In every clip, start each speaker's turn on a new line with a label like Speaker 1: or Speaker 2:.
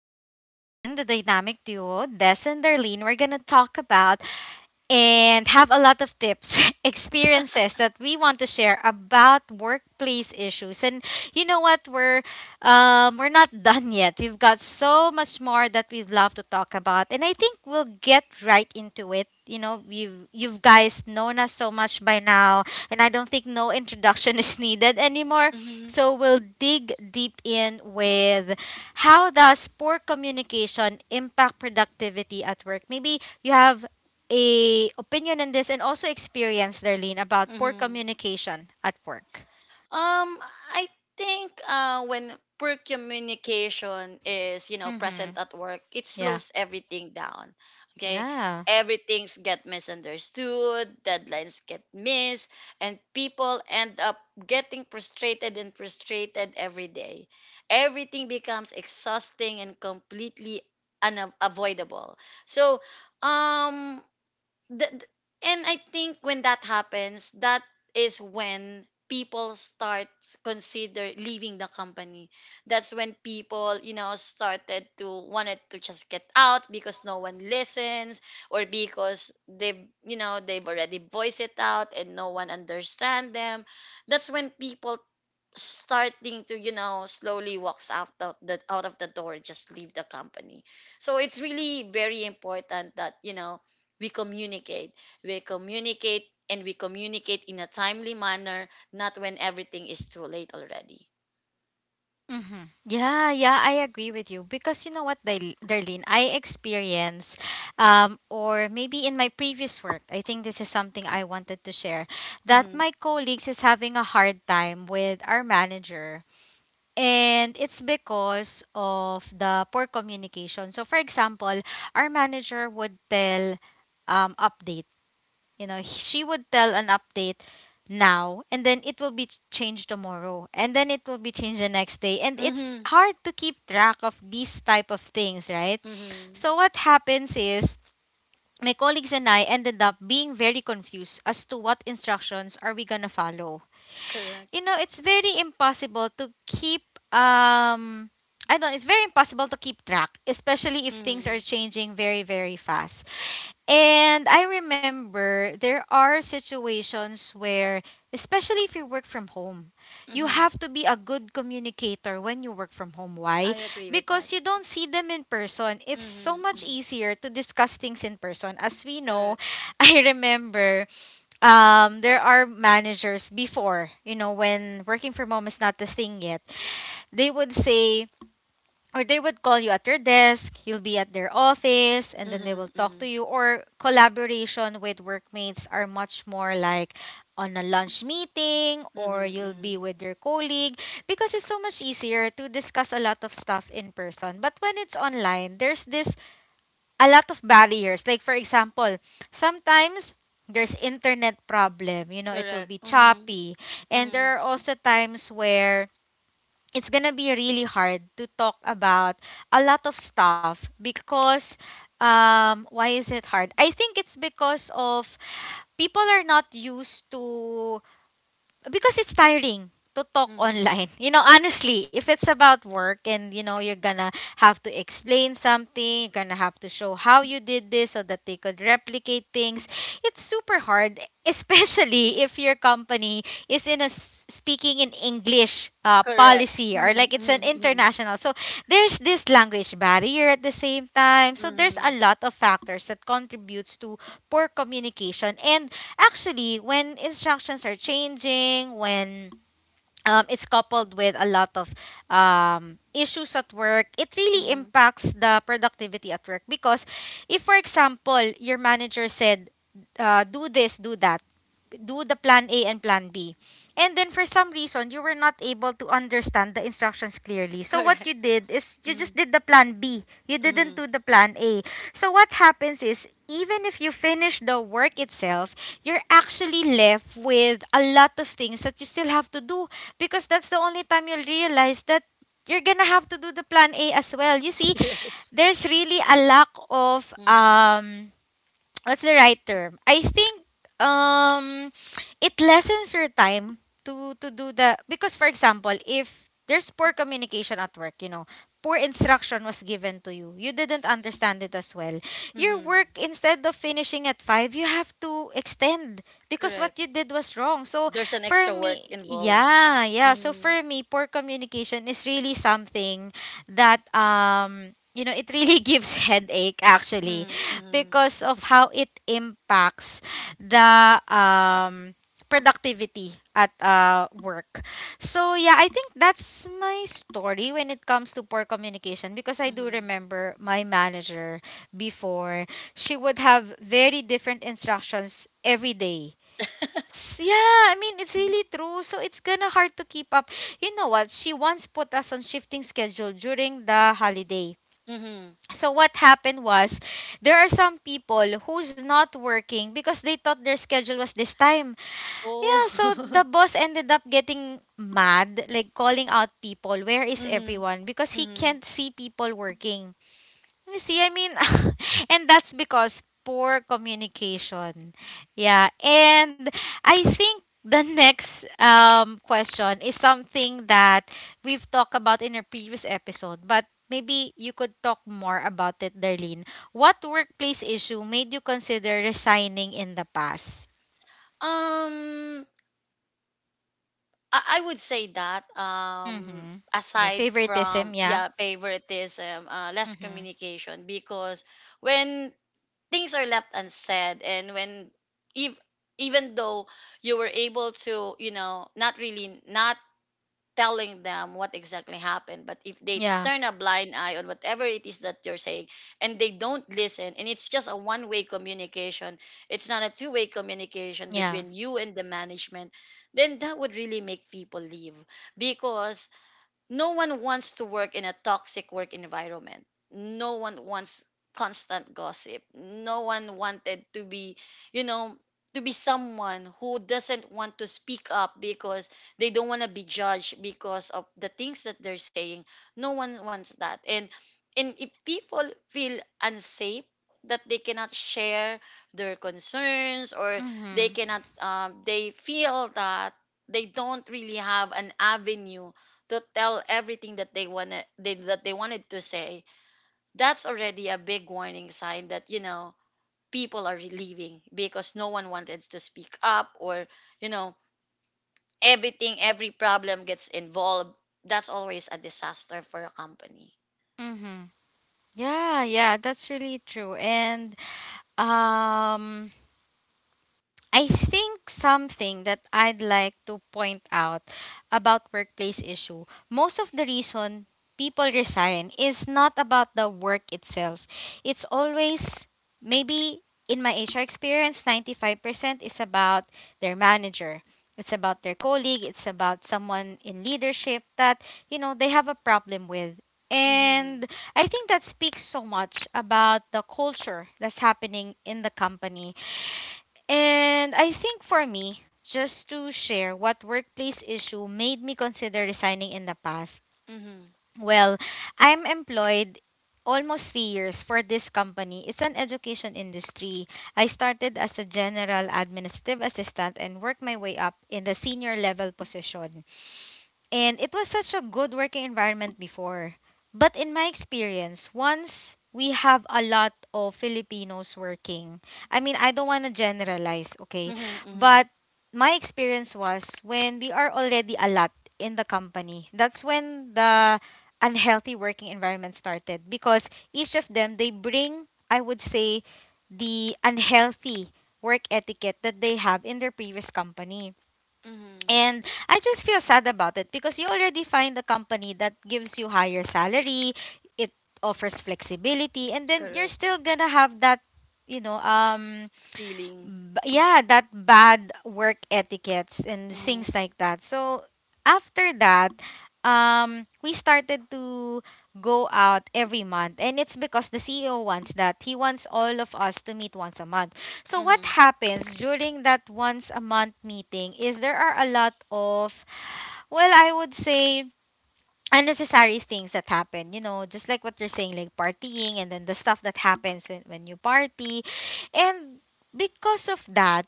Speaker 1: We're back again, the dynamic duo, Des and Darlene. We're going to talk about and have a lot of tips, experiences that we want to share about workplace issues. And you know what? We're not done yet. We've got so much more that we'd love to talk about, and I think we'll get right into it. You know, you guys known us so much by now, and I don't think no introduction is needed anymore.
Speaker 2: Mm-hmm.
Speaker 1: So we'll dig deep in with how does poor communication impact productivity at work? Maybe you have a opinion on this and also experience, Darlene, about poor
Speaker 2: Mm-hmm.
Speaker 1: communication at work.
Speaker 2: Um, I think when poor communication is,
Speaker 1: Mm-hmm.
Speaker 2: present at work, it
Speaker 1: Yeah.
Speaker 2: slows everything down. Okay.
Speaker 1: Yeah.
Speaker 2: Everything's get misunderstood, deadlines get missed, and people end up getting frustrated every day. Everything becomes exhausting and completely unavoidable. So, um, th- th- and I think when that happens, that is when people start consider leaving the company. That's when people, started to wanted to just get out because no one listens, or because they've you know they've already voiced it out and no one understand them. That's when people starting to slowly walks out of the door, just leave the company, so it's really very important that we communicate, we communicate, and we communicate in a timely manner, not when everything is too late already.
Speaker 1: Mm-hmm. Yeah, yeah, I agree with you because you know what, Darlene, I experience, or maybe in my previous work, I think this is something I wanted to share that
Speaker 2: Mm-hmm.
Speaker 1: my colleagues is having a hard time with our manager, and it's because of the poor communication. So, for example, our manager would tell updates. You know, she would tell an update now and then it will be changed tomorrow and then it will be changed the next day, and it's
Speaker 2: Mm-hmm.
Speaker 1: hard to keep track of these type of things, right?
Speaker 2: Mm-hmm.
Speaker 1: So what happens is my colleagues and I ended up being very confused as to what instructions are we going to follow.
Speaker 2: Correct.
Speaker 1: You know, it's very impossible to keep um I don't It's very impossible to keep track, especially if things are
Speaker 2: Mm-hmm.
Speaker 1: changing very very fast. And I remember there are situations where, especially if you work from home, you
Speaker 2: Mm-hmm.
Speaker 1: have to be a good communicator when you work from home. Why?
Speaker 2: I agree with
Speaker 1: Because
Speaker 2: that.
Speaker 1: you don't see them in person. It's so
Speaker 2: Mm-hmm.
Speaker 1: much
Speaker 2: Mm-hmm.
Speaker 1: easier to discuss things in person. As we know,
Speaker 2: Correct. Mm-hmm.
Speaker 1: I remember, there are managers before, you know, when working from home is not the thing yet, they would say, or they would call you at your desk, you'll be at their office, and then they will talk to
Speaker 2: Mm-hmm.
Speaker 1: you. Or collaboration with workmates are much more like on a lunch meeting, or
Speaker 2: Mm-hmm.
Speaker 1: you'll be
Speaker 2: Mm-hmm.
Speaker 1: with your colleague because it's so much easier to discuss a lot of stuff in person. But when it's online, there's this a lot of barriers. Like, for example, sometimes there's internet problem, you know, it will
Speaker 2: Correct.
Speaker 1: be
Speaker 2: Mm-hmm.
Speaker 1: choppy, and
Speaker 2: Mm-hmm.
Speaker 1: there are also times where it's gonna be really hard to talk about a lot of stuff because. Why is it hard? I think it's because of people are not used to, because it's tiring to talk
Speaker 2: Mm-hmm.
Speaker 1: online. You know, honestly, if it's about work and you know you're gonna have to explain something, you're gonna have to show how you did this so that they could replicate things. It's super hard, especially if your company is in a speaking in English
Speaker 2: Correct.
Speaker 1: policy, or
Speaker 2: Mm-hmm.
Speaker 1: like it's an
Speaker 2: Mm-hmm. Mm-hmm.
Speaker 1: international. So there's this language barrier at the same time. So there's a
Speaker 2: Mm-hmm.
Speaker 1: lot of factors that contributes to poor communication and actually, when instructions are changing, when it's coupled with a lot of issues at work, it really
Speaker 2: Mm-hmm.
Speaker 1: impacts the productivity at work. Because if, for example, your manager said, do this, do that, do the plan A and plan B, and then for some reason you were not able to understand the instructions clearly. So what
Speaker 2: Correct.
Speaker 1: you did is you
Speaker 2: Mm-hmm.
Speaker 1: just did the plan B. You didn't
Speaker 2: Mm-hmm.
Speaker 1: do the plan A. So what happens is even if you finish the work itself, you're actually left with a lot of things that you still have to do because that's the only time you'll realize that you're gonna have to do the plan A as well. You see,
Speaker 2: Yes.
Speaker 1: there's really a lack of
Speaker 2: Mm-hmm.
Speaker 1: um what's the right term? I think um it lessens your time to do the, because for example, if there's poor communication at work, you know, poor instruction was given to you. You didn't understand it as well. Your work,
Speaker 2: Mm-hmm.
Speaker 1: instead of finishing at 5, you have to extend because
Speaker 2: Correct.
Speaker 1: what you did was wrong. So
Speaker 2: There's an
Speaker 1: for
Speaker 2: extra work
Speaker 1: me,
Speaker 2: involved.
Speaker 1: yeah, yeah. So
Speaker 2: Mm-hmm.
Speaker 1: for me, poor communication is really something that you know, it really gives headache actually
Speaker 2: Mm-hmm. Mm-hmm.
Speaker 1: because of how it impacts the productivity at work. So yeah, I think that's my story when it comes to poor communication because I do
Speaker 2: Mm-hmm.
Speaker 1: remember my manager before she would have very different instructions every day. Yeah, I mean it's
Speaker 2: Mm-hmm,
Speaker 1: really true. So it's gonna hard to keep up. You know what? She once put us on shifting schedule during the holiday.
Speaker 2: mm-hmm.
Speaker 1: So what happened was there are some people who's not working because they thought their schedule was this time.
Speaker 2: Oh.
Speaker 1: Yeah, so the boss ended up getting mad, like calling out people, where is
Speaker 2: Mm-hmm.
Speaker 1: everyone? Because he
Speaker 2: Mm-hmm.
Speaker 1: can't see people working. You see, I mean, and that's because poor communication. Yeah. And I think the next question is something that we've talked about in a previous episode, but maybe you could talk more about it, Darlene. What workplace issue made you consider resigning in the past?
Speaker 2: Um, I would say that
Speaker 1: Mm-hmm. The
Speaker 2: aside
Speaker 1: favoritism,
Speaker 2: from
Speaker 1: yeah.
Speaker 2: yeah favoritism, less
Speaker 1: Mm-hmm.
Speaker 2: communication because when things are left unsaid, and when ev- even though you were able to, not really, not telling them what exactly happened, but if they
Speaker 1: Yeah,
Speaker 2: turn a blind eye on whatever it is that you're saying, and they don't listen, and it's just a one way communication, it's not a two-way communication
Speaker 1: yeah.
Speaker 2: between you and the management, then that would really make people leave because no one wants to work in a toxic work environment. No one wants constant gossip. No one wanted to be, you know, to be someone who doesn't want to speak up because they don't want to be judged because of the things that they're saying. No one wants that. And if people feel unsafe, that they cannot share their concerns, or they
Speaker 1: Mm-hmm.
Speaker 2: cannot, they feel that they don't really have an avenue to tell everything that they wanted to say, that's already a big warning sign that people are leaving because no one wanted to speak up, or you know every problem gets involved. That's always a disaster for a company.
Speaker 1: Mm-hmm. Yeah, yeah, that's really true. And Um, I think something that I'd like to point out about workplace issue. Most of the reason people resign is not about the work itself. It's always maybe in my HR experience, 95% is about their manager. It's about their colleague, it's about someone in leadership that, you know, they have a problem with. And
Speaker 2: Mhm.
Speaker 1: I think that speaks so much about the culture that's happening in the company, and I think for me, just to share what workplace issue made me consider resigning in the past.
Speaker 2: Mhm.
Speaker 1: Well, I'm employed almost 3 years for this company. It's an education industry. I started as a general administrative assistant and worked my way up in the senior level position. And it was such a good working environment before. But in my experience, once we have a lot of Filipinos working, I mean, I don't want to generalize, okay?
Speaker 2: Mhm.
Speaker 1: But
Speaker 2: Mhm.
Speaker 1: my experience was when we are already a lot in the company, that's when the unhealthy working environment started because each of them, they bring, I would say, the unhealthy work etiquette that they have in their previous company.
Speaker 2: Mhm.
Speaker 1: And I just feel sad about it because you already find a company that gives you higher salary, it offers flexibility, and then you're
Speaker 2: Correct.
Speaker 1: still gonna have that, you know,
Speaker 2: Feeling.
Speaker 1: yeah, that bad work etiquettes and things
Speaker 2: Mhm.
Speaker 1: like that. So after that, we started to go out every month, and it's because the CEO wants that. He wants all of us to meet once a month. So what
Speaker 2: Mhm.
Speaker 1: happens during that once a month meeting is there are a lot of, well, I would say unnecessary things that happen, you know, just like what you're saying, like partying and then the stuff that happens when you party. And because of that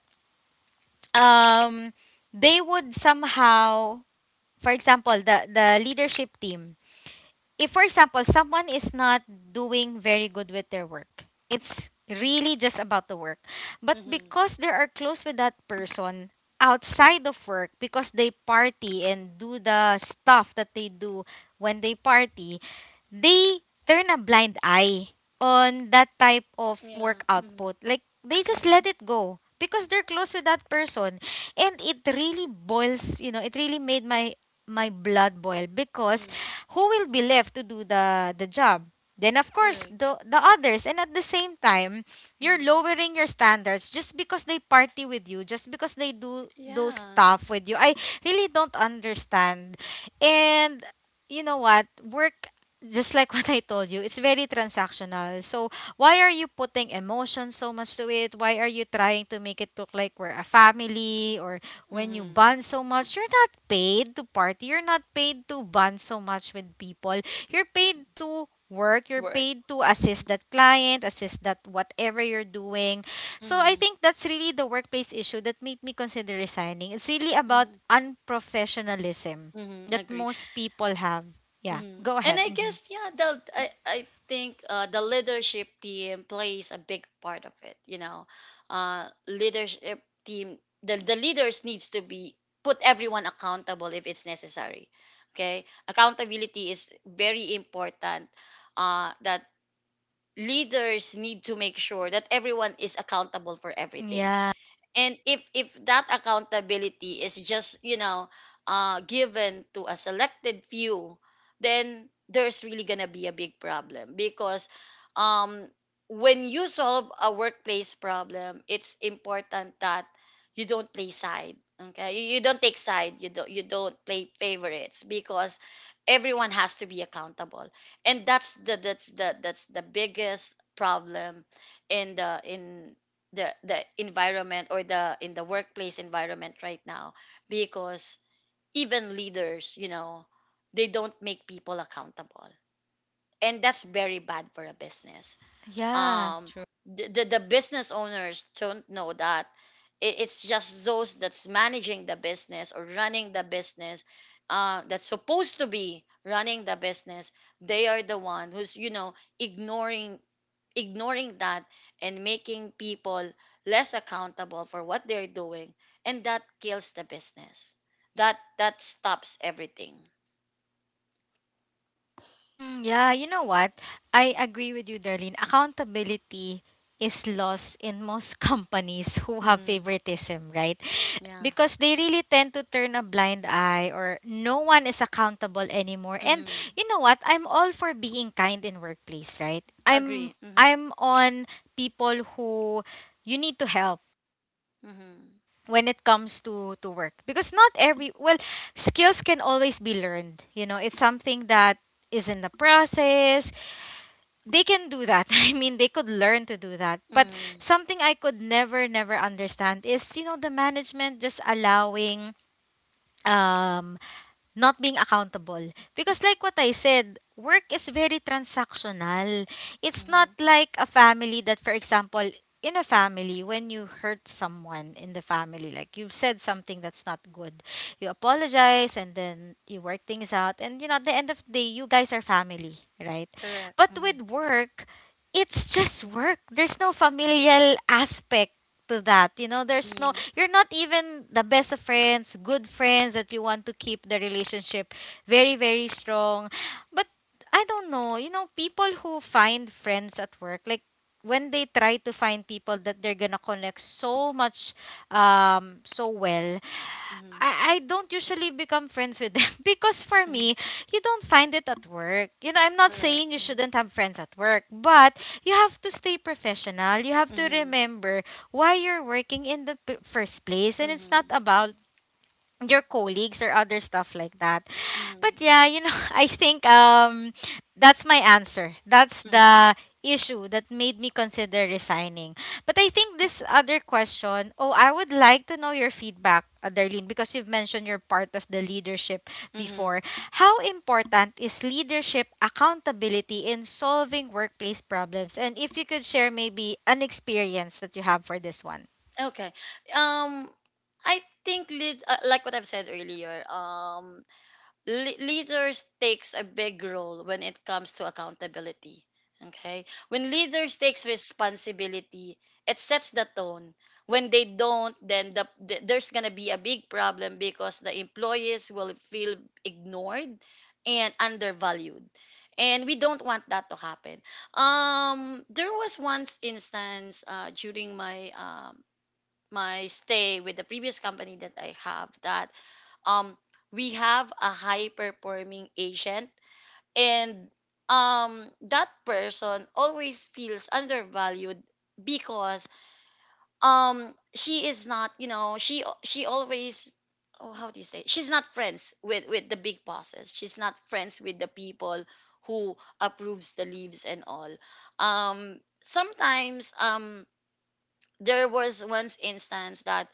Speaker 1: um they would somehow, for example, the leadership team, if for example someone is not doing very good with their work, it's really just about the work, but
Speaker 2: Mhm.
Speaker 1: because they are close with that person outside of work, because they party and do the stuff that they do when they party, they turn a blind eye on that type of
Speaker 2: Yeah.
Speaker 1: work
Speaker 2: Mhm.
Speaker 1: output, like they just
Speaker 2: Mhm.
Speaker 1: let it go because they're close with that person. And it really boils, you know, it really made my my blood boil because
Speaker 2: Mhm.
Speaker 1: who will be left to do the job? Then of course
Speaker 2: Correct.
Speaker 1: the others, and at the same time you're
Speaker 2: Mhm.
Speaker 1: lowering your standards just because they party with you, just because they do those
Speaker 2: Yeah.
Speaker 1: stuff with you. I really don't understand. And you know what, work, just like what I told you, it's very transactional. So why are you putting emotion so much to it? Why are you trying to make it look like we're a family? Or when you
Speaker 2: Mhm.
Speaker 1: bond so much, you're not paid to party. You're not paid to bond so much with people. You're paid to work. You're
Speaker 2: Work.
Speaker 1: paid to assist
Speaker 2: Mhm.
Speaker 1: that client, assist that whatever you're doing. So I
Speaker 2: Mhm.
Speaker 1: think that's really the workplace issue that made me consider resigning. It's really about
Speaker 2: Mm-hmm.
Speaker 1: unprofessionalism
Speaker 2: Mm-hmm.
Speaker 1: that
Speaker 2: Agree.
Speaker 1: most people have. Yeah,
Speaker 2: Mm-hmm.
Speaker 1: go
Speaker 2: And
Speaker 1: ahead.
Speaker 2: I
Speaker 1: Hmm.
Speaker 2: guess yeah, the I think the leadership team plays a big part of it. Leadership team, the leaders needs to be put everyone accountable if it's necessary. Okay, accountability is very important. That leaders need to make sure that everyone is accountable for everything,
Speaker 1: Yeah,
Speaker 2: and if that accountability is just, given to a selected few, then there's really gonna be a big problem, because um when you solve a workplace problem, it's important that you don't play side. Okay, you don't take side, you don't play favorites because everyone has to be accountable. And that's the, that's the biggest problem in the environment, or the in the workplace environment right now, because even leaders, they don't make people accountable, and that's very bad for a business.
Speaker 1: yeah,
Speaker 2: um
Speaker 1: true.
Speaker 2: the the, the business owners don't know that. It's just those that's managing the business or running the business, that's supposed to be running the business. They are the one who's, ignoring ignoring that, and making people less accountable for what they're doing. And that kills the business. That, that stops everything.
Speaker 1: Mhm. Yeah, you know what? I agree with you, Darlene. Accountability is lost in most companies who have
Speaker 2: Mm-hmm.
Speaker 1: favoritism, right?
Speaker 2: Yeah.
Speaker 1: Because they really tend to turn a blind eye or no one is accountable anymore. And
Speaker 2: Mm-hmm.
Speaker 1: you know what? I'm all for being kind in workplace, right?
Speaker 2: Agree.
Speaker 1: I'm
Speaker 2: Mm-hmm.
Speaker 1: I'm on people who you need to help
Speaker 2: Mm-hmm.
Speaker 1: when it comes to work because not every well skills can always be learned, you know, it's something that is in the process they can do that. I mean, they could learn to do that. But
Speaker 2: Mm-hmm.
Speaker 1: something I could never, never understand is, you know, the management just allowing um not being accountable. Because like what I said, work is very transactional. It's
Speaker 2: Mm-hmm.
Speaker 1: not like a family that, for example, in a family when you hurt someone in the family, like you've said something that's not good, you apologize and then you work things out, and you know at the end of the day you guys are family, right?
Speaker 2: Correct.
Speaker 1: But
Speaker 2: Mm-hmm.
Speaker 1: with work, it's just work. There's no familial aspect to that. You know, there's no
Speaker 2: Mm-hmm.
Speaker 1: you're not even the best of friends, good friends that you want to keep the relationship very, very strong. But I don't know, you know, people who find friends at work, like when they try to find people that they're gonna connect so much, so well,
Speaker 2: Mm-hmm.
Speaker 1: I don't usually become friends with them because for
Speaker 2: Mm-hmm.
Speaker 1: me, you don't find it at work. You know, I'm not
Speaker 2: Correct.
Speaker 1: saying you
Speaker 2: Mm-hmm.
Speaker 1: shouldn't have friends at work, but you have to stay professional. You have to
Speaker 2: Mm-hmm.
Speaker 1: remember why you're working in the first place. And it's not
Speaker 2: Mm-hmm.
Speaker 1: about your colleagues or other stuff like that. But
Speaker 2: Mm-hmm.
Speaker 1: yeah, you know, I think that's my answer. That's
Speaker 2: Mm-hmm.
Speaker 1: the issue that made me consider resigning. But I think this other question, oh, I would like to know your feedback, Darlene, because you've mentioned you're part of the leadership
Speaker 2: Mm-hmm.
Speaker 1: before. How important is leadership accountability in solving workplace problems? And if you could share maybe an experience that you have for this one.
Speaker 2: Okay. Um, I think like what I've said earlier. Leaders takes a big role when it comes to accountability. Okay, when leaders takes responsibility, it sets the tone. When they don't, then there's going to be a big problem because the employees will feel ignored and undervalued, and we don't want that to happen. There was once instance, during my my stay with the previous company that I have, that um we have a high performing agent. And that person always feels undervalued because she is not, she always, oh, how do you say, she's not friends with the big bosses, she's not friends with the people who approves the leaves and all. Sometimes, there was once instance that,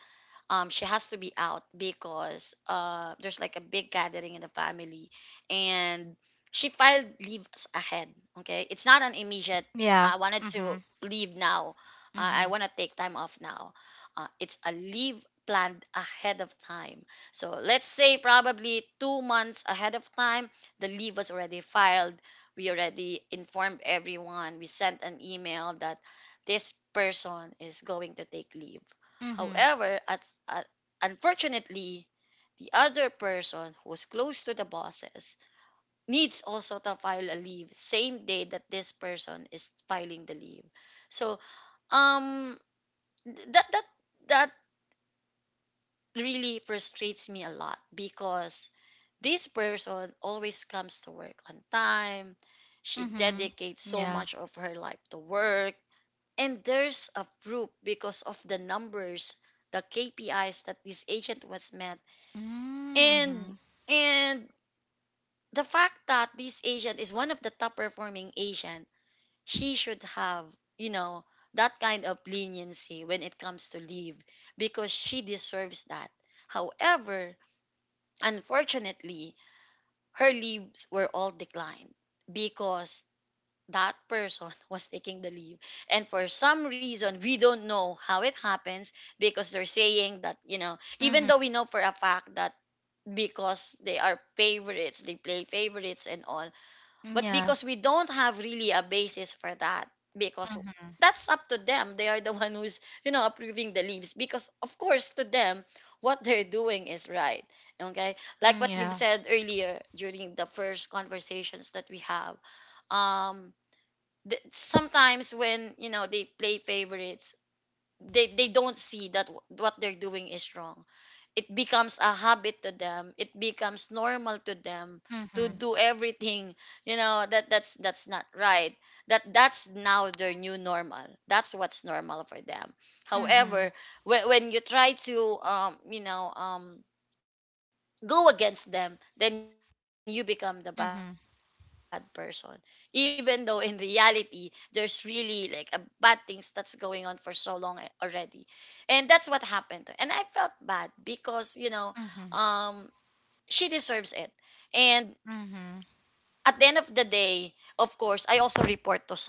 Speaker 2: she has to be out because, there's like a big gathering in the family, and she filed leaves ahead. Okay, it's not an immediate.
Speaker 1: Yeah.
Speaker 2: I wanted to
Speaker 1: Mhm.
Speaker 2: leave now. I
Speaker 1: Mhm.
Speaker 2: want to take time off now. It's a leave planned ahead of time. So let's say probably 2 months ahead of time, the leave was already filed. We already informed everyone. We sent an email that this person is going to take leave.
Speaker 1: Mhm.
Speaker 2: However, at, unfortunately, the other person who's close to the bosses needs also to file a leave same day that this person is filing the leave. So, um th- that that that really frustrates me a lot because this person always comes to work on time. She
Speaker 1: Mm-hmm.
Speaker 2: dedicates so
Speaker 1: Yeah.
Speaker 2: much of her life to work. And there's a proof because of the numbers, the KPIs that this agent was met. And
Speaker 1: Mm-hmm.
Speaker 2: and the fact that this Asian is one of the top performing Asian, she should have, you know, that kind of leniency when it comes to leave because she deserves that. However, unfortunately, her leaves were all declined because that person was taking the leave. And for some reason, we don't know how it happens because they're saying that, even
Speaker 1: Mm-hmm.
Speaker 2: though we know for a fact that because they are favorites, they play favorites and all. But
Speaker 1: Yeah.
Speaker 2: because we don't have really a basis for that, because that's up to them. They are the one who's, approving the leaves, because of course to them what they're doing is right. Okay? Like
Speaker 1: Mm,
Speaker 2: what you've
Speaker 1: yeah.
Speaker 2: said earlier during the first conversations that we have. Um sometimes when, they play favorites, they don't see that what they're doing is wrong. It becomes a habit to them, it becomes normal to them to
Speaker 1: Mm-hmm.
Speaker 2: do everything. That, that's not right, that's now their new normal, that's what's normal for them.
Speaker 1: Mm-hmm.
Speaker 2: However, when, when you try to go against them, then you become the bad person, even though
Speaker 1: Mm-hmm.
Speaker 2: in reality there's really like a bad things that's going on for so long already. And that's what happened, and I felt bad because um
Speaker 1: Mm-hmm.
Speaker 2: she deserves it. And
Speaker 1: Mm-hmm.
Speaker 2: at the end of the day, of course, I also report to someone.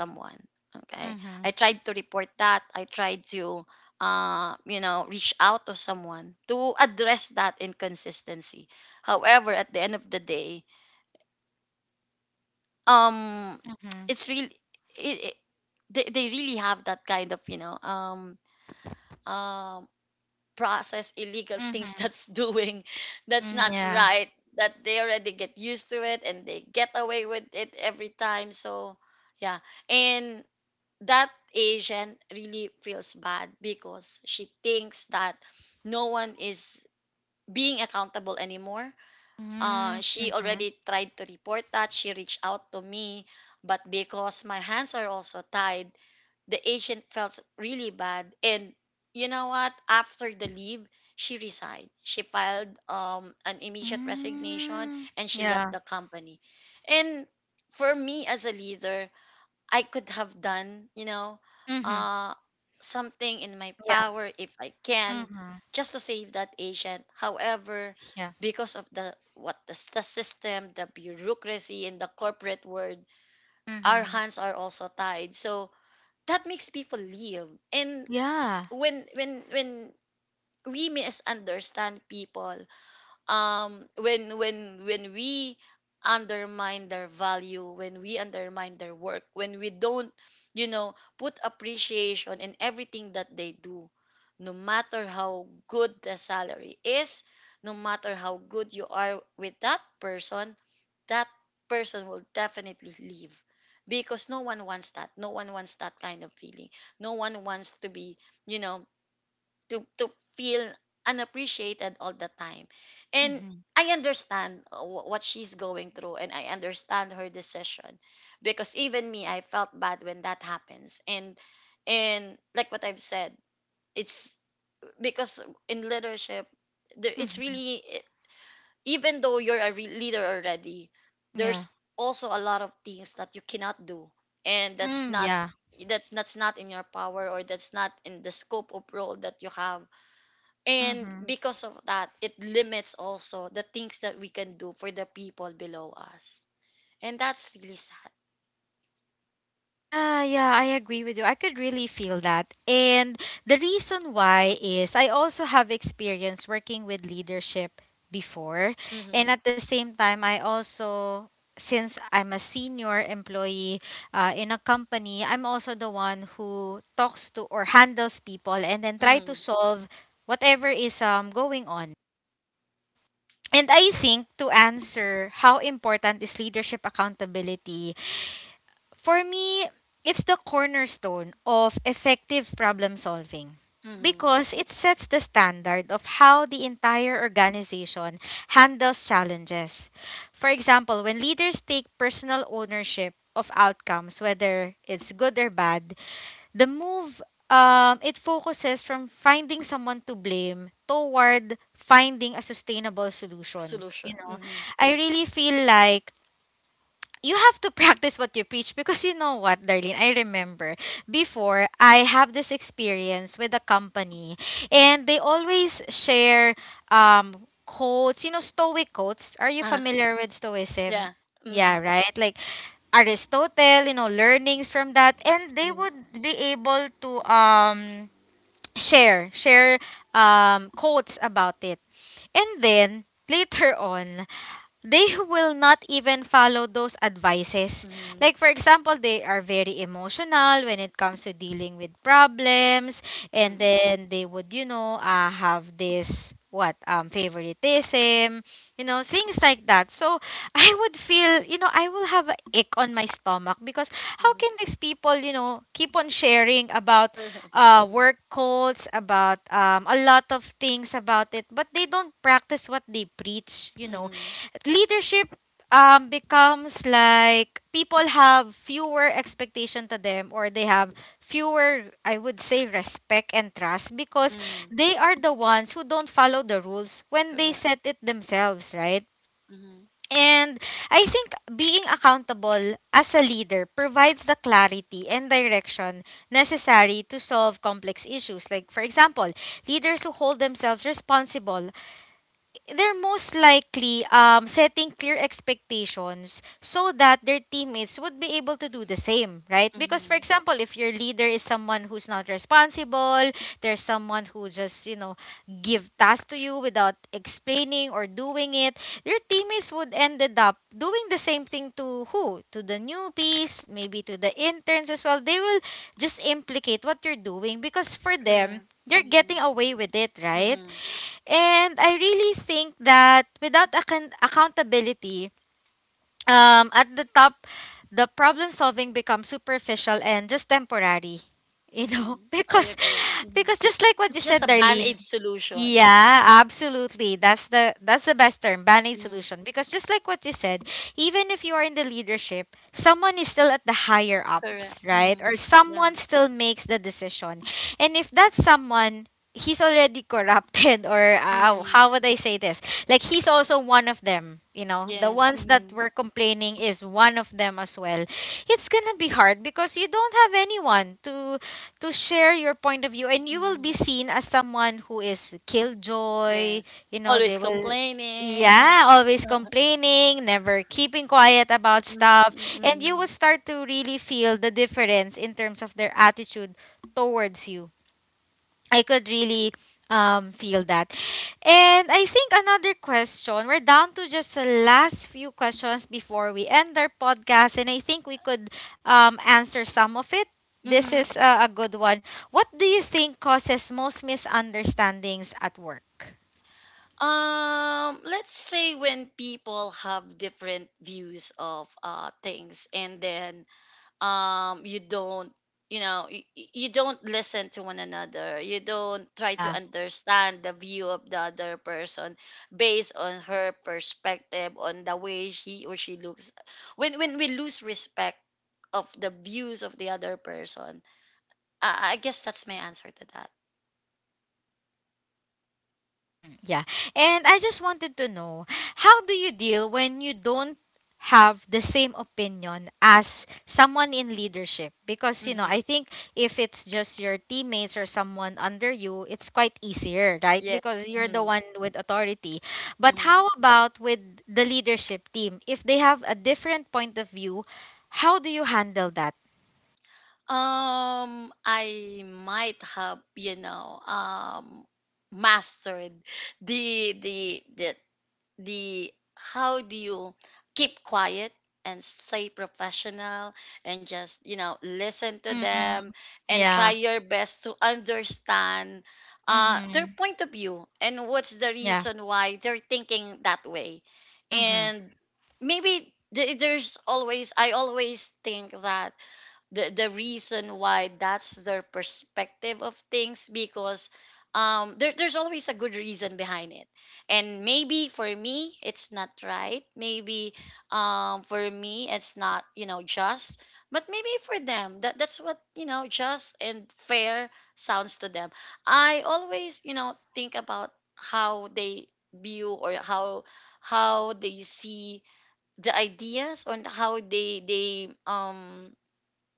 Speaker 2: Okay. I
Speaker 1: Mm-hmm.
Speaker 2: tried to report that. I tried to, reach out to someone to address that inconsistency. However, at the end of the day, um,
Speaker 1: Mm-hmm.
Speaker 2: it's really, it, it, they really have that kind of, uh, process illegal things
Speaker 1: Mm-hmm.
Speaker 2: that's doing, that's
Speaker 1: Mm,
Speaker 2: not
Speaker 1: yeah.
Speaker 2: right, that they already get used to it, and they get away with it every time, so yeah. And that asian really feels bad because she thinks that no one is being accountable anymore.
Speaker 1: Mm-hmm.
Speaker 2: She
Speaker 1: Mm-hmm.
Speaker 2: already tried to report that. She reached out to me, but because my hands are also tied, the agent felt really bad, and you know what? After the leave, she resigned. She filed an immediate resignation,
Speaker 1: Mm,
Speaker 2: and she left
Speaker 1: yeah.
Speaker 2: the company. And for me as a leader, I could have done,
Speaker 1: Mm-hmm.
Speaker 2: uh something in my
Speaker 1: Yeah.
Speaker 2: power if I can,
Speaker 1: Mm-hmm.
Speaker 2: just to save that agent. However,
Speaker 1: Yeah.
Speaker 2: because of the what the system, the bureaucracy, and the corporate world, our
Speaker 1: Mm-hmm.
Speaker 2: hands are also tied. So that makes people live. And
Speaker 1: Yeah.
Speaker 2: when we misunderstand people, um when when when we undermine their value, when we undermine their work, when we don't put appreciation in everything that they do, no matter how good the salary is, no matter how good you are with that person, that person will definitely leave because no one wants that, no one wants that kind of feeling, no one wants to be, you know to feel unappreciated all the time. And
Speaker 1: Mm-hmm.
Speaker 2: I understand what she's going through, and I understand her decision because even me, I felt bad when that happens. And like what I've said, it's because in leadership it's
Speaker 1: Mm-hmm.
Speaker 2: really, even though you're a leader already,
Speaker 1: Yeah.
Speaker 2: there's also a lot of things that you cannot do. And
Speaker 1: Mm, yeah.
Speaker 2: that's not in your power, or that's not in the scope of role that you have. And
Speaker 1: Mm-hmm.
Speaker 2: because of that, it limits also the things that we can do for the people below us. And that's really sad.
Speaker 1: Yeah, yeah, I agree with you. I could really feel that. And the reason why is I also have experience working with leadership before. And
Speaker 2: Mm-hmm.
Speaker 1: at the same time, I also, since I'm a senior employee in a company, I'm also the one who talks to or handles people and then try
Speaker 2: Mm-hmm.
Speaker 1: to solve whatever is, going on. And I think, to answer how important is leadership accountability, for me, it's the cornerstone of effective problem solving
Speaker 2: Mm-hmm.
Speaker 1: because it sets the standard of how the entire organization handles challenges. For example, when leaders take personal ownership of outcomes, whether it's good or bad, the move, it focuses from finding someone to blame toward finding a sustainable solution.
Speaker 2: Solution.
Speaker 1: You know,
Speaker 2: Mm-hmm.
Speaker 1: I really feel like you have to practice what you preach, because you know what, Darlene, I remember before I have this experience with a company and they always share um quotes, you know, stoic quotes. Are you
Speaker 2: Ah,
Speaker 1: familiar with stoicism?
Speaker 2: yeah. Mm-hmm.
Speaker 1: Yeah, right? Like Aristotle, you know, learnings from that, and they
Speaker 2: Mm-hmm.
Speaker 1: would be able to um share quotes about it. And then later on, they will not even follow those advices. Like, for example, they are very emotional when it comes to dealing with problems, and
Speaker 2: Mm-hmm.
Speaker 1: then they would, you know, have this what favoritism, you know, things like that. So I would feel, you know, I will have an ache on my stomach because how
Speaker 2: Mm-hmm.
Speaker 1: can these people, you know, keep on sharing about
Speaker 2: Correct. Mm-hmm.
Speaker 1: work cults about a lot of things about it, but they don't practice what they preach. You know,
Speaker 2: Mm-hmm.
Speaker 1: leadership becomes like people have fewer expectation to them, or they have fewer, I would say, respect and trust because
Speaker 2: Mm-hmm.
Speaker 1: they are the ones who don't follow the rules when they
Speaker 2: Correct.
Speaker 1: set it themselves, right?
Speaker 2: Mm-hmm.
Speaker 1: And I think being accountable as a leader provides the clarity and direction necessary to solve complex issues. Like, for example, leaders who hold themselves responsible, they're most likely, setting clear expectations so that their teammates would be able to do the same, right? Because, for
Speaker 2: Mhm.
Speaker 1: example, if your leader is someone who's not responsible, there's someone who just, you know, give tasks to you without explaining or doing it, your teammates would ended up doing the same thing to who? To the newbies, maybe to the interns as well. They will just implicate what you're doing because for them,
Speaker 2: Correct.
Speaker 1: they're getting
Speaker 2: Mhm.
Speaker 1: away with it, right?
Speaker 2: Mhm.
Speaker 1: And I really think that without accountability, at the top, the problem solving becomes superficial and just temporary. You know,
Speaker 2: Mhm. I
Speaker 1: because,
Speaker 2: agree. Mhm.
Speaker 1: just like what you
Speaker 2: It's just
Speaker 1: said,
Speaker 2: a
Speaker 1: Darlene,
Speaker 2: band-aid solution.
Speaker 1: yeah, absolutely. That's the best term, band-aid
Speaker 2: Mhm.
Speaker 1: solution. Because just like what you said, even if you are in the leadership, someone is still at the higher
Speaker 2: Correct.
Speaker 1: ups, right? Or
Speaker 2: Mhm. Yeah.
Speaker 1: someone still makes the decision. And if that someone he's already corrupted or,
Speaker 2: Mhm.
Speaker 1: how would I say this? Like, he's also one of them, you know. The
Speaker 2: Yes.
Speaker 1: ones that
Speaker 2: Mhm.
Speaker 1: were complaining is one of them as well. It's going to be hard because you don't have anyone to share your point of view, and you will be
Speaker 2: Mhm.
Speaker 1: seen as someone who is killjoy.
Speaker 2: Yes.
Speaker 1: You know, they
Speaker 2: Always
Speaker 1: will,
Speaker 2: complaining.
Speaker 1: yeah, always complaining, never keeping quiet about
Speaker 2: Mm,
Speaker 1: stuff.
Speaker 2: mm,
Speaker 1: And you will
Speaker 2: mm.
Speaker 1: start to really feel the difference in terms of their attitude towards you. I could really feel that. And I think another question, we're down to just the last few questions before we end our podcast, and I think we could answer some of it. This
Speaker 2: Mhm.
Speaker 1: is a good one. What do you think causes most misunderstandings at work?
Speaker 2: Let's say when people have different views of things, and then you don't, you know you, you don't listen to one another, you don't try to
Speaker 1: Yeah.
Speaker 2: understand the view of the other person based on her perspective, on the way he or she looks, when we lose respect of the views of the other person. I guess that's my answer to that.
Speaker 1: Hmm, yeah. And I just wanted to know, how do you deal when you don't have the same opinion as someone in leadership? Because, you know,
Speaker 2: Mm-hmm.
Speaker 1: I think if it's just your teammates or someone under you, it's quite easier, right?
Speaker 2: Yeah.
Speaker 1: Because you're the
Speaker 2: Mhm.
Speaker 1: one with authority. But
Speaker 2: Mhm.
Speaker 1: how about with the leadership team? If they have a different point of view, how do you handle that?
Speaker 2: I might have, mastered the the the the, how do you keep quiet and stay professional and just, you know, listen to
Speaker 1: Mm-hmm.
Speaker 2: them and try
Speaker 1: Yeah.
Speaker 2: your best to understand,
Speaker 1: Mm-hmm.
Speaker 2: their point of view and what's the
Speaker 1: Yeah.
Speaker 2: reason why they're thinking that way.
Speaker 1: Mm-hmm.
Speaker 2: And maybe there's always, I always think that the reason why that's their perspective of things, because there's always a good reason behind it. And maybe for me it's not right, maybe, for me it's not, you know, just, but maybe for them, that that's what, you know, just and fair sounds to them. I always, you know, think about how they view, or how they see the ideas, on how they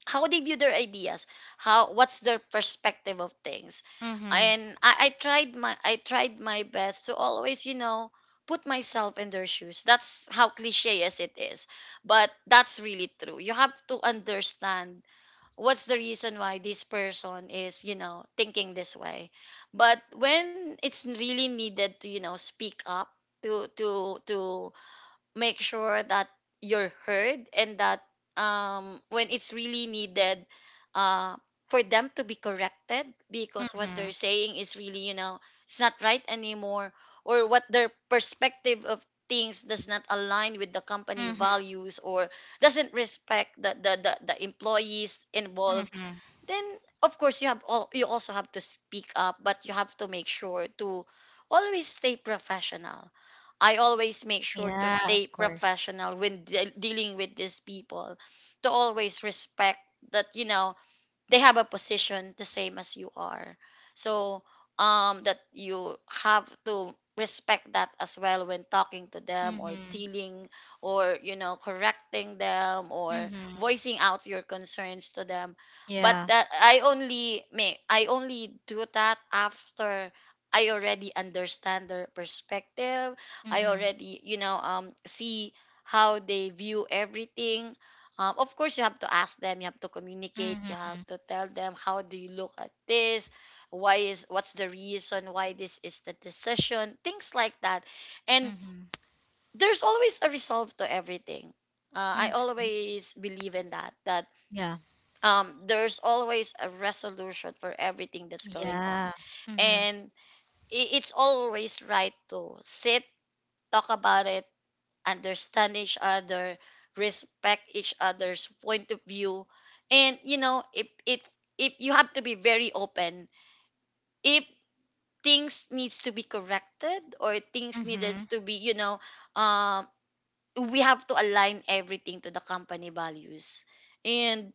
Speaker 2: how they view their ideas, how, what's their perspective of things.
Speaker 1: Mm-hmm.
Speaker 2: And I tried my best to always, you know, put myself in their shoes. That's how cliche as it is, but that's really true. You have to understand what's the reason why this person is, you know, thinking this way. But when it's really needed to, you know, speak up, to make sure that you're heard, and that, when it's really needed, uh, for them to be corrected because what they're
Speaker 1: Mm-hmm.
Speaker 2: saying is really, you know, it's not right anymore, or what their perspective of things does not align with the company
Speaker 1: Mm-hmm.
Speaker 2: values, or doesn't respect the the employees involved,
Speaker 1: Mm-hmm.
Speaker 2: then of course you have all, you also have to speak up, but you have to make sure to always stay professional. I always make sure to
Speaker 1: Yeah,
Speaker 2: stay
Speaker 1: of course.
Speaker 2: professional when dealing with these people, to always respect that, you know, they have a position the same as you are. So that you have to respect that as well when talking to them or
Speaker 1: Mm-hmm.
Speaker 2: dealing, or, you know, correcting them or
Speaker 1: Mm-hmm.
Speaker 2: voicing out your concerns to them. But
Speaker 1: Yeah.
Speaker 2: that I only may I only do that after I already understand their perspective. I
Speaker 1: Mm-hmm.
Speaker 2: already, you know, see how they view everything. Of course you have to ask them, you have to communicate, you
Speaker 1: Mm-hmm.
Speaker 2: have to tell them, how do you look at this, why is what's the reason why this is the decision, things like that. And
Speaker 1: Mm-hmm.
Speaker 2: there's always a resolve to everything. I
Speaker 1: Mm-hmm.
Speaker 2: always believe in that, that
Speaker 1: Yeah.
Speaker 2: there's always a resolution for everything that's going on.
Speaker 1: Yeah. Mm-hmm.
Speaker 2: And I- it's always right to sit, talk about it, understand each other, respect each other's point of view. And you know, if you have to be very open, if things needs to be corrected or things needed
Speaker 1: Mm-hmm.
Speaker 2: to be, you know, um we have to align everything to the company values. And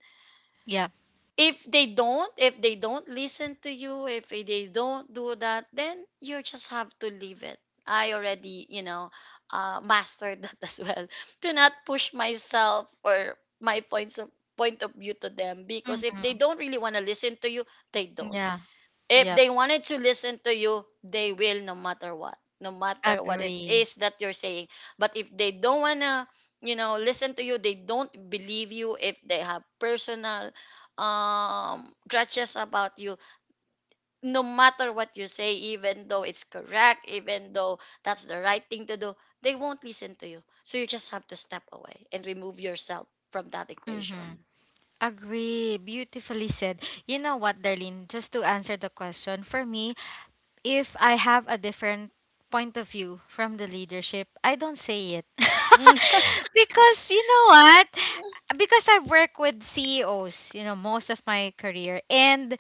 Speaker 1: Yeah.
Speaker 2: if they don't listen to you, if they don't do that, then you just have to leave it. I already, you know, mastered that as well, to not push myself or my point of view to them, because if they
Speaker 1: Mm-hmm.
Speaker 2: don't really want to listen to you, they don't,
Speaker 1: Yeah.
Speaker 2: if
Speaker 1: Yep.
Speaker 2: they wanted to listen to you, they will, no matter what. No matter what it
Speaker 1: Agree.
Speaker 2: is that you're saying. But if they don't wanna, you know, listen to you, they don't believe you, if they have personal grudges about you, no matter what you say, even though it's correct, even though that's the right thing to do, they won't listen to you. So you just have to step away and remove yourself from that
Speaker 1: Mm-hmm.
Speaker 2: equation.
Speaker 1: Agree. Beautifully said. You know what, Darlene? Just to answer the question, for me, if I have a different point of view from the leadership, I don't say it. Because you know what? Because I work with CEOs, you know, most of my career. And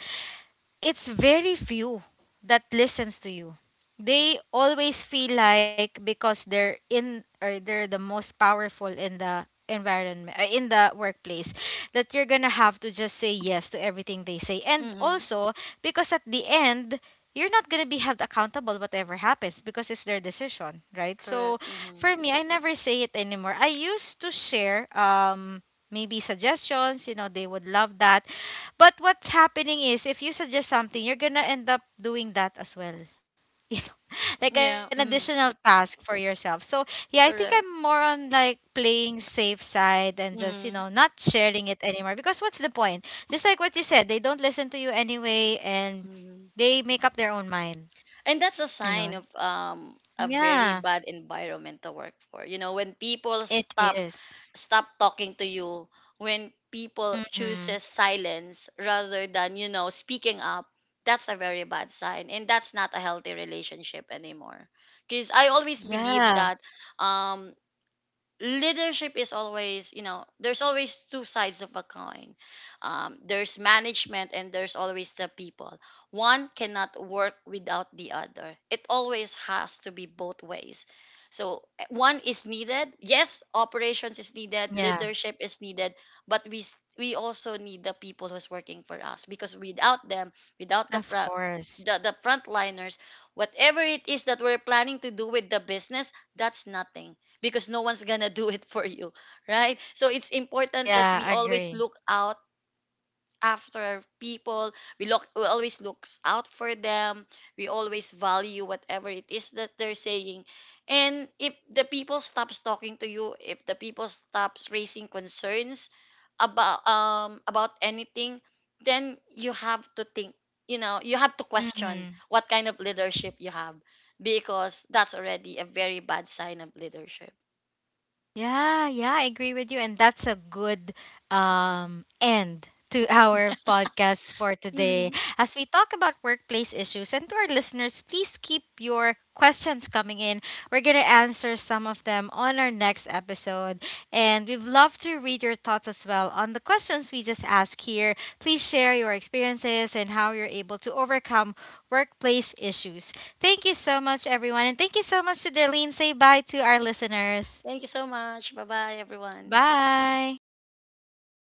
Speaker 1: it's very few that listens to you. They always feel like because they're in, or they're the most powerful in the environment, in the workplace, that you're going to have to just say yes to everything they say. And
Speaker 2: Mm-hmm.
Speaker 1: also because at the end you're not going to be held accountable whatever happens because it's their decision, right? So
Speaker 2: Correct. Mm-hmm.
Speaker 1: for me, I never say it anymore. I used to share maybe suggestions, you know, they would love that, but what's happening is if you suggest something, you're gonna end up doing that as well. You know, like
Speaker 2: Yeah.
Speaker 1: an
Speaker 2: Mm-hmm.
Speaker 1: additional task for yourself. So yeah, I think
Speaker 2: Correct.
Speaker 1: I'm more on like playing safe side and just, you
Speaker 2: Mm-hmm.
Speaker 1: know, not sharing it anymore. Because what's the point? Just like what you said, they don't listen to you anyway, and
Speaker 2: Mhm.
Speaker 1: they make up their own mind.
Speaker 2: And that's a
Speaker 1: You know?
Speaker 2: sign of a very
Speaker 1: Yeah.
Speaker 2: bad environment to work for. You know, when people
Speaker 1: It is.
Speaker 2: stop talking to you, when people
Speaker 1: Mm-hmm.
Speaker 2: chooses silence rather than, you know, speaking up, that's a very bad sign, and that's not a healthy relationship anymore. Cuz I always believe
Speaker 1: Yeah.
Speaker 2: that um leadership is always, you know, there's always two sides of a coin. There's management and there's always the people. One cannot work without the other, it always has to be both ways. So one is needed, yes, operations is needed,
Speaker 1: Yeah.
Speaker 2: leadership is needed, but we also need the people who's working for us, because without them, without the
Speaker 1: Of
Speaker 2: pro-
Speaker 1: course.
Speaker 2: the frontliners, whatever it is that we're planning to do with the business, that's nothing, because no one's gonna do it for you, right? So it's important that we
Speaker 1: Yeah,
Speaker 2: always
Speaker 1: agree.
Speaker 2: look out after people. We always look out for them. We always value whatever it is that they're saying. And if the people stops talking to you, if the people stops raising concerns about, about anything, then you have to think, you know, you have to question
Speaker 1: Mm-hmm.
Speaker 2: what kind of leadership you have, because that's already a very bad sign of leadership.
Speaker 1: Yeah, yeah, I agree with you. And that's a good, end to our podcast for today.
Speaker 2: Mm-hmm.
Speaker 1: As we talk about workplace issues, and to our listeners, please keep your questions coming in. We're going to answer some of them on our next episode. And we'd love to read your thoughts as well on the questions we just asked here. Please share your experiences and how you're able to overcome workplace issues. Thank you so much, everyone. And thank you so much to Darlene. Say bye to our listeners.
Speaker 2: Thank you so much. Bye bye, everyone.
Speaker 1: Bye.